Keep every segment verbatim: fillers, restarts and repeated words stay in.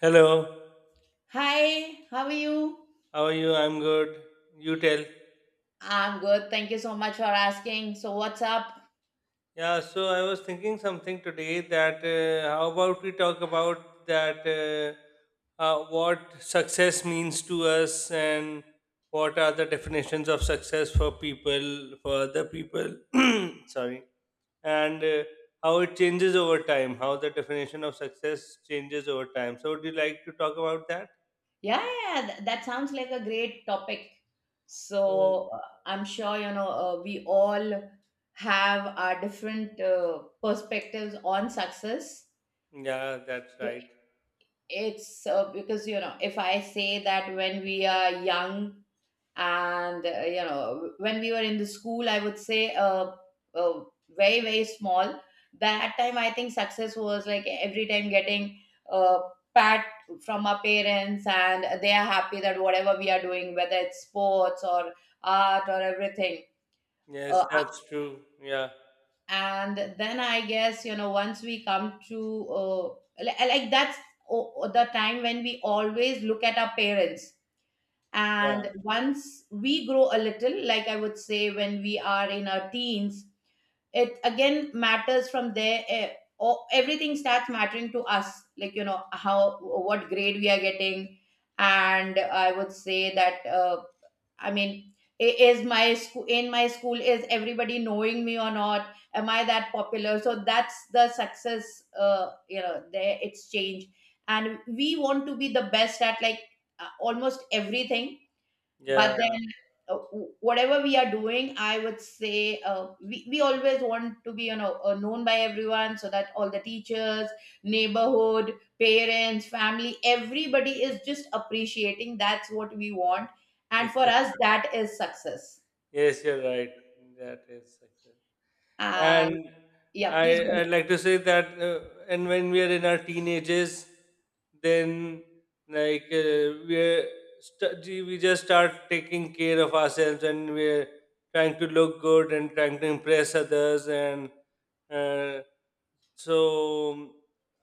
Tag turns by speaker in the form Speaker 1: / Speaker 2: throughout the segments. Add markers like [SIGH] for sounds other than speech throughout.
Speaker 1: Hello,
Speaker 2: Hi, how are you?
Speaker 1: how are you? I'm good. You tell.
Speaker 2: I'm good. Thank you so much for asking. So, what's up?
Speaker 1: Yeah, so I was thinking something today that uh, how about we talk about that uh, uh, what success means to us and what are the definitions of success for people, for other people. [CLEARS THROAT] Sorry. And uh, how it changes over time, how the definition of success changes over time. So, would you like to talk about that?
Speaker 2: Yeah, yeah, th- that sounds like a great topic.
Speaker 1: Oh,
Speaker 2: So, uh, I'm sure you know uh, we all have our different uh, perspectives on success.
Speaker 1: yeah, that's right.
Speaker 2: I- It's uh, because you know if I say that when we are young and uh, you know when we were in the school I would say uh, uh, very very small that time I think success was like every time getting uh, pat from our parents and they are happy that whatever we are doing, whether it's sports or art or everything.
Speaker 1: Yes,
Speaker 2: uh,
Speaker 1: that's true. Yeah,
Speaker 2: and then I guess you know once we come to uh, li- like that's o- the time when we always look at our parents,
Speaker 1: yeah,
Speaker 2: and once we grow a little, like I would say when we are in our teens, it again matters from there. eh, o- Everything starts mattering to us, like, you know, how, what grade we are getting. And I would say that, uh, I mean, i- is my school, in my school is everybody knowing me or not, am I that popular, so that's the success. Uh, you know, there it's changed, and we want to be the best at like uh, almost everything. But
Speaker 1: yeah.
Speaker 2: then uh, whatever we are doing I would say uh, we, we always want to be, you know, uh, known by everyone, so that all the teachers, neighborhood, parents, family, everybody is just appreciating. That's what we want, and for us
Speaker 1: [LAUGHS]
Speaker 2: that is success.
Speaker 1: Yes, you're right. That is success.
Speaker 2: um,
Speaker 1: And
Speaker 2: yeah, please go
Speaker 1: I,
Speaker 2: ahead.
Speaker 1: I'd like to say that, uh, and when we are in our teenagers, then like uh, we're st- gee, we just start taking care of ourselves, and we're trying to look good and trying to impress others, and uh, so, um,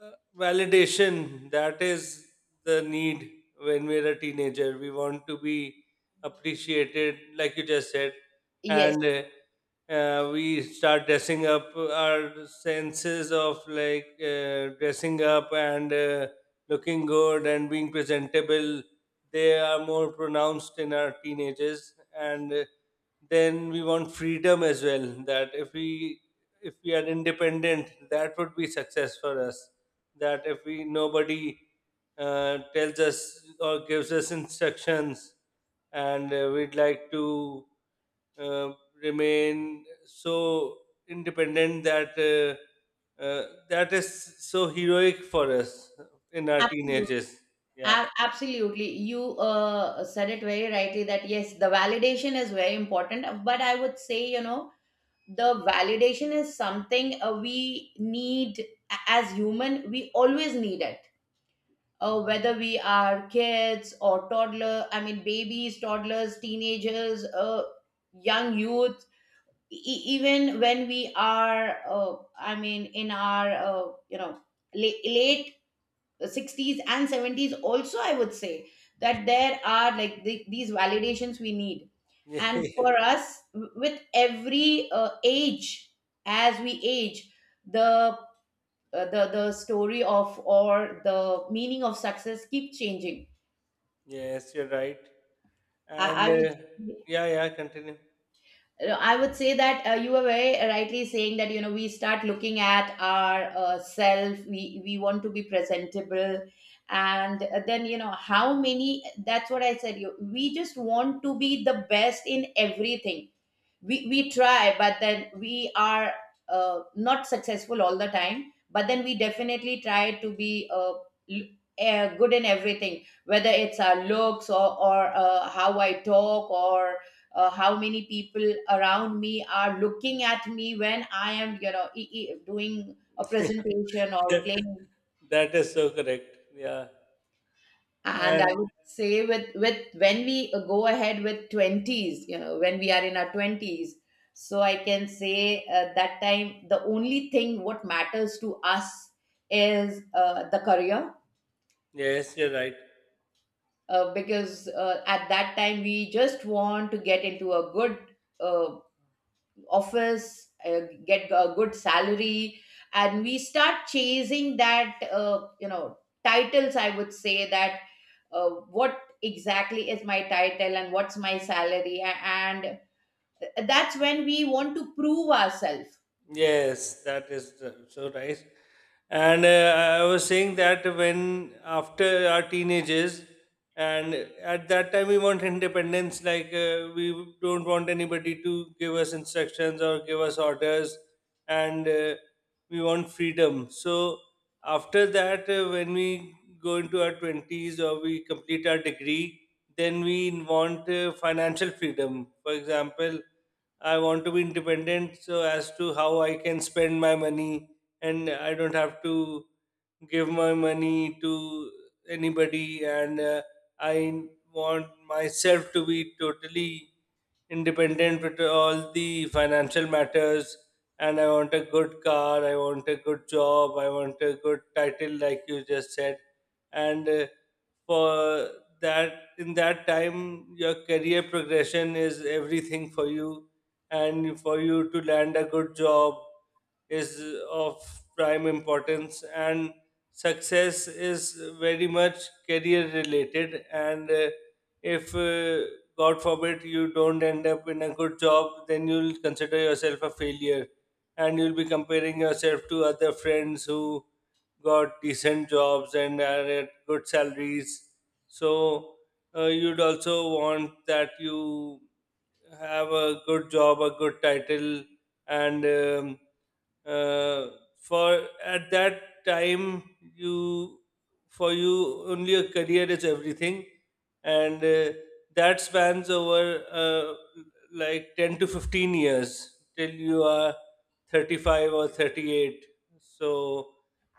Speaker 1: uh, validation that is the need when we're a teenager. We want to be appreciated, like you just said,
Speaker 2: Yes,
Speaker 1: and uh, uh, we start dressing up our senses of like uh, dressing up and uh, looking good and being presentable. They are more pronounced in our teenagers, and uh, then we want freedom as well. That if we if we are independent that would be success for us that if we nobody uh, tells us or gives us instructions and uh, we'd like to uh, remain so independent that uh, uh, that is so heroic for us in our
Speaker 2: absolutely.
Speaker 1: teenagers. Yeah.
Speaker 2: A- absolutely, you uh, said it very rightly that yes, the validation is very important. But I would say you know the validation is something uh, we need. A- as human we always need it, uh, whether we are kids or toddler, I mean babies, toddlers, teenagers, uh, young youth, e- e, even when we are uh, I mean in our uh, you know la- late sixties and seventies also, I would say that there are like the, these validations we need. And
Speaker 1: [LAUGHS]
Speaker 2: for
Speaker 1: Yeah.
Speaker 2: us, w- with every uh, age, as we age, the uh, the the story of or the meaning of success keep changing.
Speaker 1: Yes, you're right.
Speaker 2: I,
Speaker 1: and
Speaker 2: I would
Speaker 1: uh, yeah yeah continue
Speaker 2: No, I would say that uh, you were very rightly saying that you know we start looking at our uh, self. We we want to be presentable, and uh, then you know how many. That's what I said. You We just want to be the best in everything. We we try, but then we are uh, not successful all the time, but then we definitely try to be uh, l- eh, good in everything, whether it's our looks, or, or uh, how I talk, or uh, how many people around me are looking at me when I am, you know, e- e- doing a
Speaker 1: [LAUGHS]
Speaker 2: presentation or playing.
Speaker 1: That is so correct. Yeah.
Speaker 2: And I
Speaker 1: And
Speaker 2: would say, with with when we go ahead with twenties, you know, when we are in our twenties, so I can say uh, that time the only thing what matters to us is uh, the career.
Speaker 1: yes, you're right.
Speaker 2: Uh, because uh, at that time we just want to get into a good uh, office, uh, get a good salary, and we start chasing that, uh, you know, titles. I would say that uh, what exactly is my title and what's my salary, a- and th- that's when we want to prove ourselves.
Speaker 1: Yes, that is the- so right. And uh, I was saying that when after our teenagers, and at that time we want independence, like uh, we don't want anybody to give us instructions or give us orders, and uh, we want freedom. So after that, uh, when we go into our twenties or we complete our degree, then we want uh, financial freedom. For example, I want to be independent so as to how I can spend my money and I don't have to give my money to anybody and uh, I want myself to be totally independent with all the financial matters, and I want a good car, I want a good job, I want a good title like you just said. And uh, for that in that time your career progression is everything for you, and for you to land a good job is of prime importance, and success is very much career related. And uh, if uh, god forbid you don't end up in a good job, then you'll consider yourself a failure, and you'll be comparing yourself to other friends who got decent jobs and are at good salaries. So uh, you'd also want that you have a good job, a good title, and um, uh, for at that time you for you only a career is everything, and uh, that spans over uh, like ten to fifteen years till you are thirty five or thirty eight. So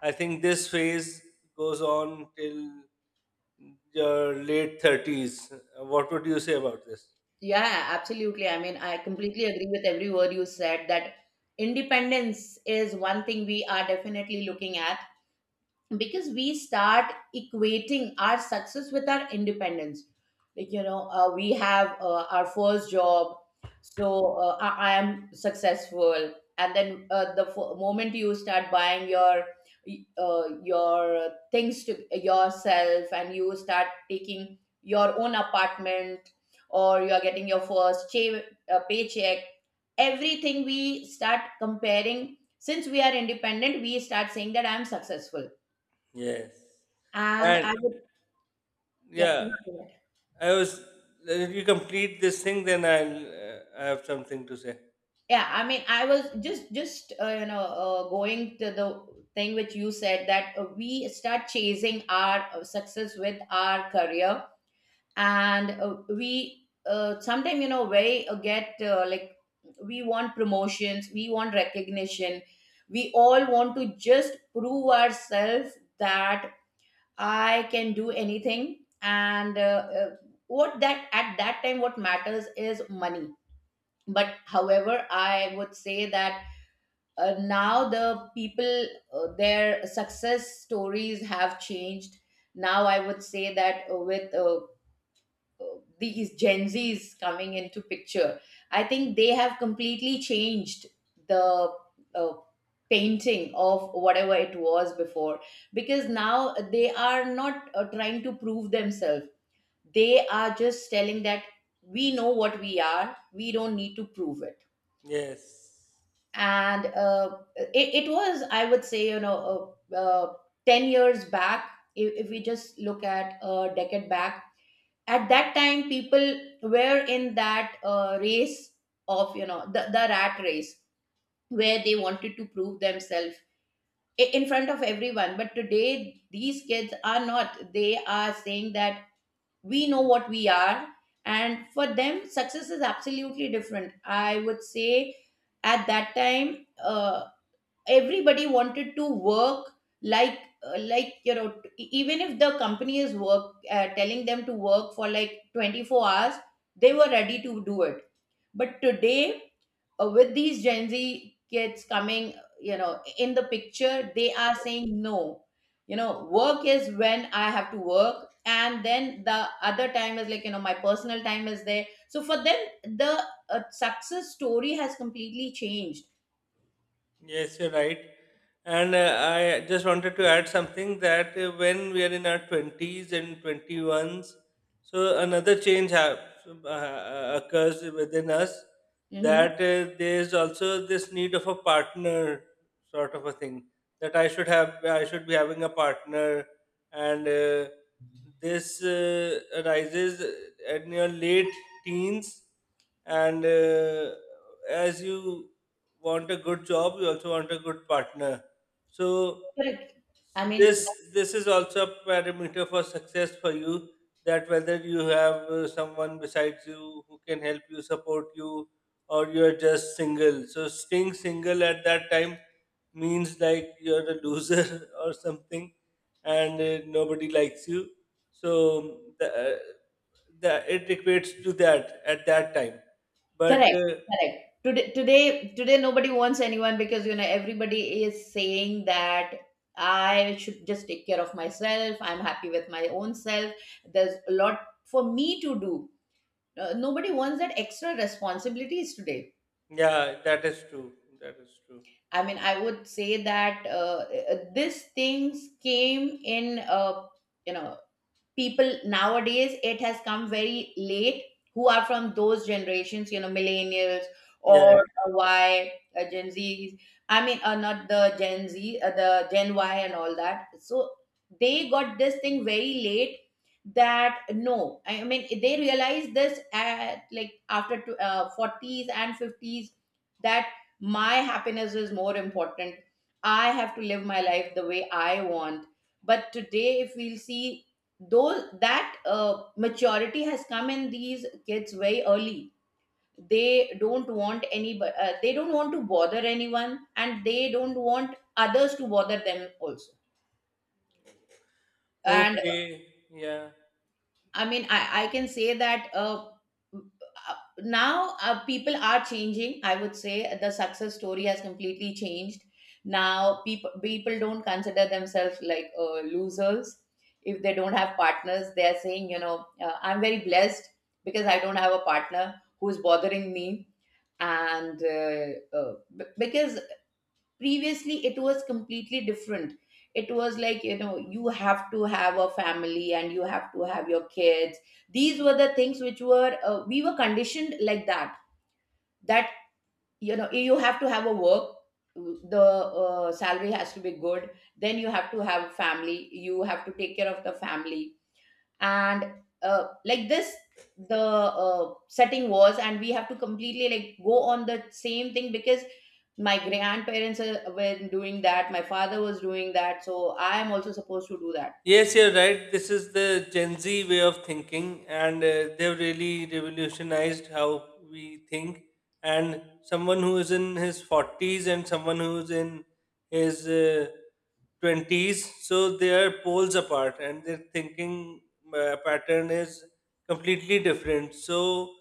Speaker 1: I think this phase goes on till your late thirties. What would you say about this?
Speaker 2: Yeah, absolutely. I mean, I completely agree with every word you said, that independence is one thing we are definitely looking at, because we start equating our success with our independence. Like you know, uh, we have uh, our first job, so uh, I, I am successful. And then uh, the f- moment you start buying your uh, your things to yourself, and you start taking your own apartment or you are getting your first che- uh, paycheck, everything, we start comparing. Since we are independent, we start saying that I am successful.
Speaker 1: Yes.
Speaker 2: And
Speaker 1: And
Speaker 2: I would, yep, you
Speaker 1: yeah,
Speaker 2: can do it.
Speaker 1: I was. If you complete this thing, then I'll. Uh, I have something to say.
Speaker 2: Yeah. I mean, I was just, just uh, you know, uh, going to the thing which you said, that uh, we start chasing our uh, success with our career, and uh, we uh, sometimes you know very uh, get uh, like we want promotions, we want recognition, we all want to just prove ourselves that I can do anything. And uh, uh, what that at that time what matters is money. But however I would say that uh, now the people uh, their success stories have changed. Now I would say that uh, with uh, uh, these gen z's coming into picture, I think they have completely changed the uh, painting of whatever it was before, because now they are not uh, trying to prove themselves. They are just telling that we know what we are, we don't need to prove it.
Speaker 1: Yes.
Speaker 2: And uh, it, it was, I would say, you know, uh, uh, ten years back. if, if we just look at a decade back, at that time people were in that uh, race, of you know the, the rat race, where they wanted to prove themselves i- in front of everyone. But today these kids are not, they are saying that we know what we are, and for them success is absolutely different, I would say. At that time uh, everybody wanted to work, like uh, like you know, t- e- even if the company is work uh, telling them to work for like twenty-four hours, they were ready to do it. But today uh, with these gen z kids coming, you know, in the picture, they are saying no, you know, work is when I have to work, and then the other time is like, you know, my personal time is there. So for them, the uh, success story has completely changed.
Speaker 1: Yes, you're right. And uh, I just wanted to add something that uh, when we are in our twenties and twenty ones, so another change hap- uh, uh, occurs within us.
Speaker 2: Mhm.
Speaker 1: That uh, there's also this need of a partner, sort of a thing, that I should have, I should be having a partner. And uh, this uh, arises in your late teens, and uh, as you want a good job, you also want a good partner. So
Speaker 2: Correct. I
Speaker 1: this
Speaker 2: mean,
Speaker 1: this is also a parameter for success for you, that whether you have uh, someone besides you who can help you support you, or you're just single. So staying single at that time means like you're a loser [LAUGHS] or something, and uh, nobody likes you. So the, uh, the it equates to that at that time, but
Speaker 2: correct,
Speaker 1: uh,
Speaker 2: correct. Today, today, today, nobody wants anyone, because you know everybody is saying that I should just take care of myself. I'm happy with my own self. There's a lot for me to do. Uh, nobody wants that extra responsibilities today.
Speaker 1: Yeah, that is true. That is true.
Speaker 2: I mean, I would say that uh, uh, these things came in, uh, you know, people nowadays it has come very late, who are from those generations, you know, millennials
Speaker 1: Yeah,
Speaker 2: or
Speaker 1: yeah.
Speaker 2: uh, y uh, gen z. I mean uh, not the gen z, uh, the gen y and all that, so they got this thing very late. That no, I mean they realized this at like after tw- uh, forties and fifties, that my happiness is more important, I have to live my life the way I want. But today if we'll see, though, that uh, maturity has come in these kids very early, they don't want any uh, they don't want to bother anyone, and they don't want others to bother them also. And
Speaker 1: Okay. Yeah.
Speaker 2: I mean, I, I can say that uh, uh, now uh, people are changing. I would say the success story has completely changed. Now people people don't consider themselves like uh, losers if they don't have partners. They are saying, you know, uh, I'm very blessed because I don't have a partner who's bothering me. And uh, uh, b- because previously it was completely different. It was like, you know, you have to have a family and you have to have your kids. These were the things which were uh, we were conditioned like that, that you know you have to have a work, the uh, salary has to be good, then you have to have a family, you have to take care of the family. And uh, like this, the uh, setting was, and we have to completely like go on the same thing, because my grandparents uh, were doing that, my father was doing that, so I am also supposed to do that.
Speaker 1: Yes, you're right. This is the Gen Z way of thinking, and uh, they've really revolutionized how we think. And someone who is in his forties and someone who's in his uh, twenties, so they are poles apart, and their thinking uh, pattern is completely different. So,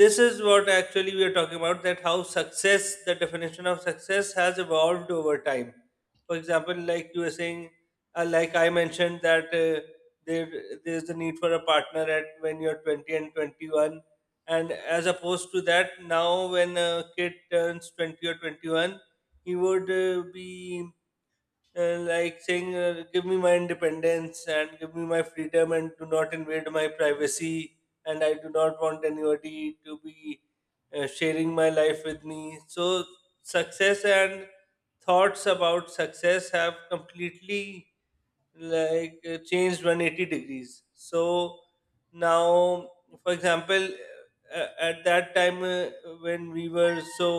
Speaker 1: this is what actually we are talking about, that how success, the definition of success, has evolved over time. For example, like you were saying, uh, like I mentioned that uh, there there's the need for a partner at when you're twenty and twenty one, and as opposed to that, now when a kid turns twenty or twenty one, he would uh, be uh, like saying, uh, "Give me my independence and give me my freedom, and do not invade my privacy, and I do not want anybody to be uh, sharing my life with me." So success and thoughts about success have completely like uh, changed one hundred eighty degrees. So now, for example, uh, at that time, uh, when we were so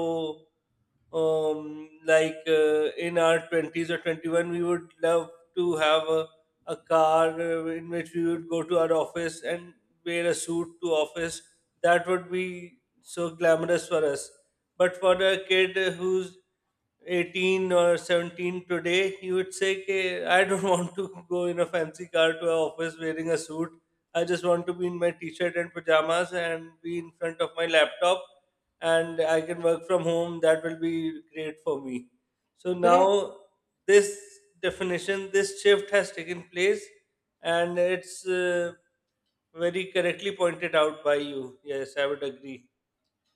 Speaker 1: um, like uh, in our twenties or twenty one, we would love to have a, a car uh, in which we would go to our office and wear a suit to office, that would be so glamorous for us. But for a kid who's eighteen or seventeen today, he would say, "K, I don't [LAUGHS] want to go in a fancy car to our office wearing a suit. I just want to be in my t-shirt and pajamas and be in front of my laptop, and I can work from home. That will be great for me." So now this definition, this shift has taken place, and it's uh, very correctly pointed out by you. Yes, I would agree.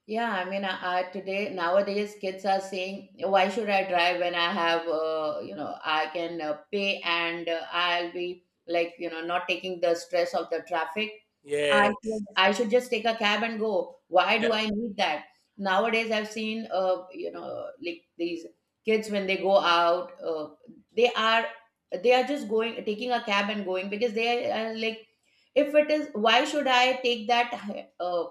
Speaker 2: Yeah, I mean, I, I today nowadays kids are saying, "Why should I drive when I have, uh, you know, I can uh, pay, and uh, I'll be like, you know, not taking the stress of the traffic. I
Speaker 1: Yes,
Speaker 2: should, I should just take a cab and go. Why do
Speaker 1: yeah,
Speaker 2: I need that?" Nowadays, I've seen, uh, you know, like these kids when they go out, uh, they are they are just going, taking a cab and going, because they are uh, like, if it is, why should I take that uh,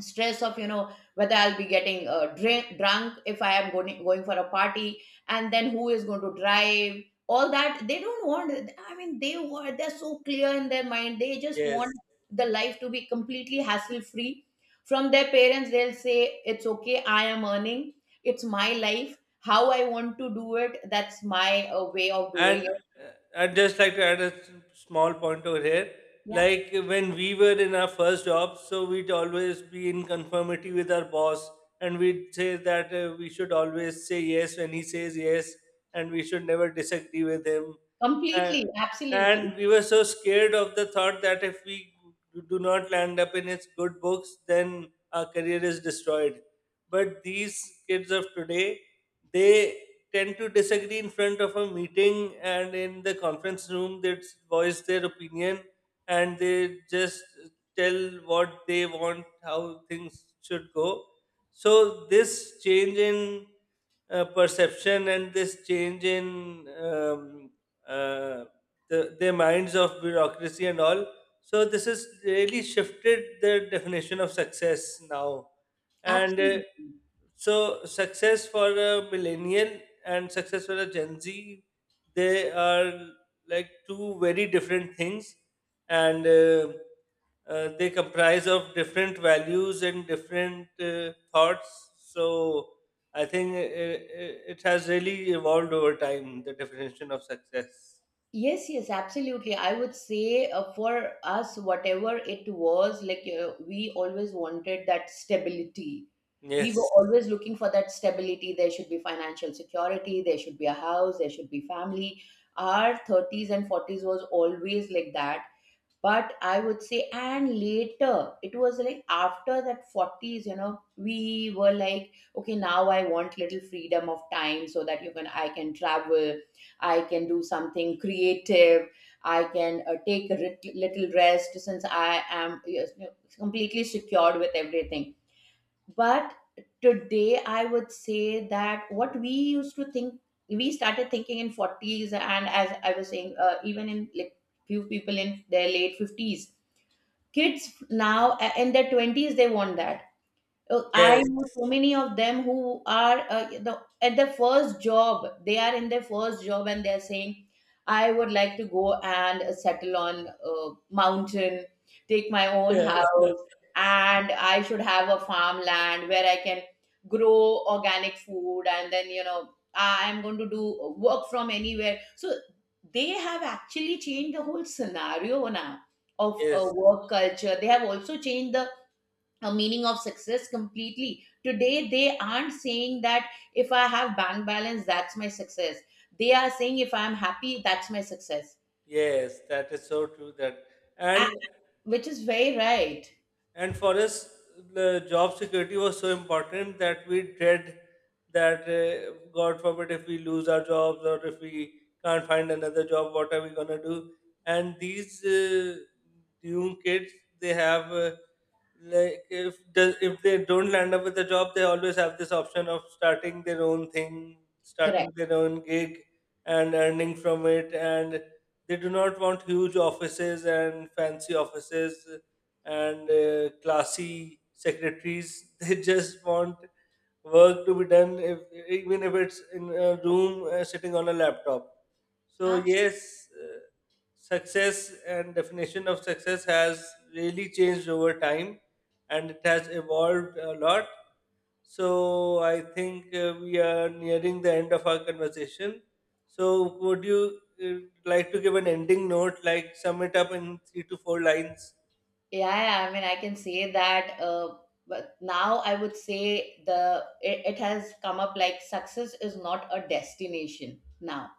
Speaker 2: stress of, you know, whether I'll be getting uh, drink, drunk if I am going going for a party, and then who is going to drive, all that they don't want. I mean they were they're so clear in their mind, they just
Speaker 1: yes.
Speaker 2: want the life to be completely hassle free. From their parents they'll say it's okay, I am earning, it's my life, how I want to do it, that's my uh, way of doing
Speaker 1: And
Speaker 2: it.
Speaker 1: uh, I'd just like to add a s- small point over here.
Speaker 2: Yeah,
Speaker 1: Like when we were in our first job, so we'd always be in conformity with our boss, and we'd say that uh, we should always say yes when he says yes, and we should never disagree with him. Uh,
Speaker 2: completely, absolutely.
Speaker 1: and we were so scared of the thought that if we do not land up in his good books, then our career is destroyed. But these kids of today, they tend to disagree in front of a meeting, and in the conference room they voice their opinion, and they just tell what they want, how things should go. So this change in uh, perception and this change in um, uh, the, the minds of bureaucracy and all, so this has really shifted the definition of success now. And uh,
Speaker 2: Absolutely.
Speaker 1: so success for a millennial and success for a Gen Z, they are like two very different things, and uh, uh, they comprise of different values and different uh, thoughts. So I think it, it, it has really evolved over time. The definition of success.
Speaker 2: Yes, yes, absolutely. I would say uh, for us, whatever it was, like uh, we always wanted that stability. We
Speaker 1: Yes.
Speaker 2: were always looking for that stability. There should be financial security, there should be a house, there should be family. Our thirties and forties was always like that. But I would say, and later it was like after that forties, you know, we were like okay, now I want little freedom of time, so that you can I can travel, I can do something creative, I can uh, take a rit- little rest, since I am, yes, you know, completely secured with everything. But today I would say that, what we used to think, we started thinking in forties. And as I was saying uh, even in like few people in their late fifties, kids now uh, in their twenties they want that. uh, I
Speaker 1: Yes. [LAUGHS]
Speaker 2: know so many of them who are uh, the, at their first job. They are in their first job and they're saying, I would like to go and uh, settle on a mountain, take my own
Speaker 1: Yeah.
Speaker 2: house, and I should have a farmland where I can grow organic food. And then, you know, I'm going to do work from anywhere. So they have actually changed the whole scenario now, of uh,
Speaker 1: Yes.
Speaker 2: work culture. They have also changed the a meaning of success completely. Today they aren't saying that if I have bank balance that's my success, they are saying if I'm happy that's my success.
Speaker 1: Yes. That is so true. That
Speaker 2: A-
Speaker 1: and
Speaker 2: which is very right.
Speaker 1: And for us, the job security was so important that we dread that, uh, God forbid, if we lose our jobs or if we can't find another job, what are we going to do? And these uh, young kids, they have uh, like if the, if they don't land up with a job, they always have this option of starting their own thing, starting
Speaker 2: Correct.
Speaker 1: their own gig, and earning from it. And they do not want huge offices and fancy offices and uh, classy secretaries, [LAUGHS] they just want work to be done, if even if it's in a room uh, sitting on a laptop. So
Speaker 2: Absolutely.
Speaker 1: yes, uh, success and definition of success has really changed over time, and it has evolved a lot. So I think uh, we are nearing the end of our conversation. So would you uh, like to give an ending note, like sum it up in three to four lines?
Speaker 2: Yeah, yeah, I mean, I can say that. Uh, but now I would say the it, it has come up like success is not a destination now.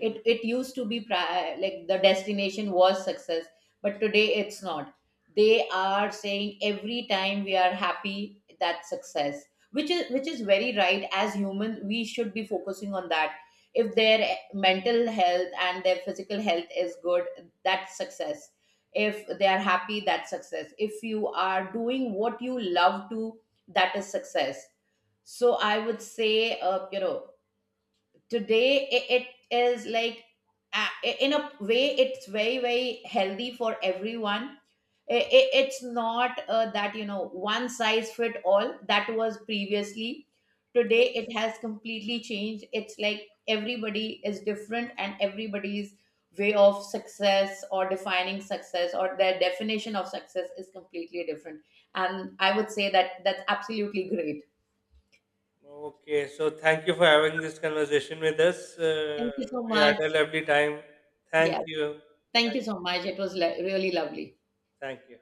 Speaker 2: it It used to be pri- like the destination was success, but today it's not. They are saying every time we are happy, that's success. Which is, which is very right. As humans we should be focusing on that. If their mental health and their physical health is good, that's success. If they are happy, that's success. If you are doing what you love to, that is success. So I would say, uh, you know, today it, it is like uh, in a way it's very very healthy for everyone. I- I- it's not uh, that, you know, one size fit all, that was previously. Today it
Speaker 1: Yes.
Speaker 2: has completely changed, it's like everybody is different, and everybody's way of success, or defining success, or their definition of success is completely different, and I would say that that's absolutely great.
Speaker 1: Okay. So thank you for having this conversation with us. Uh,
Speaker 2: Thank you so
Speaker 1: we had
Speaker 2: much.
Speaker 1: a lovely time.
Speaker 2: Yeah.
Speaker 1: Thank you.
Speaker 2: Thank
Speaker 1: Thank,
Speaker 2: you so much. It was le- really lovely.
Speaker 1: thank you.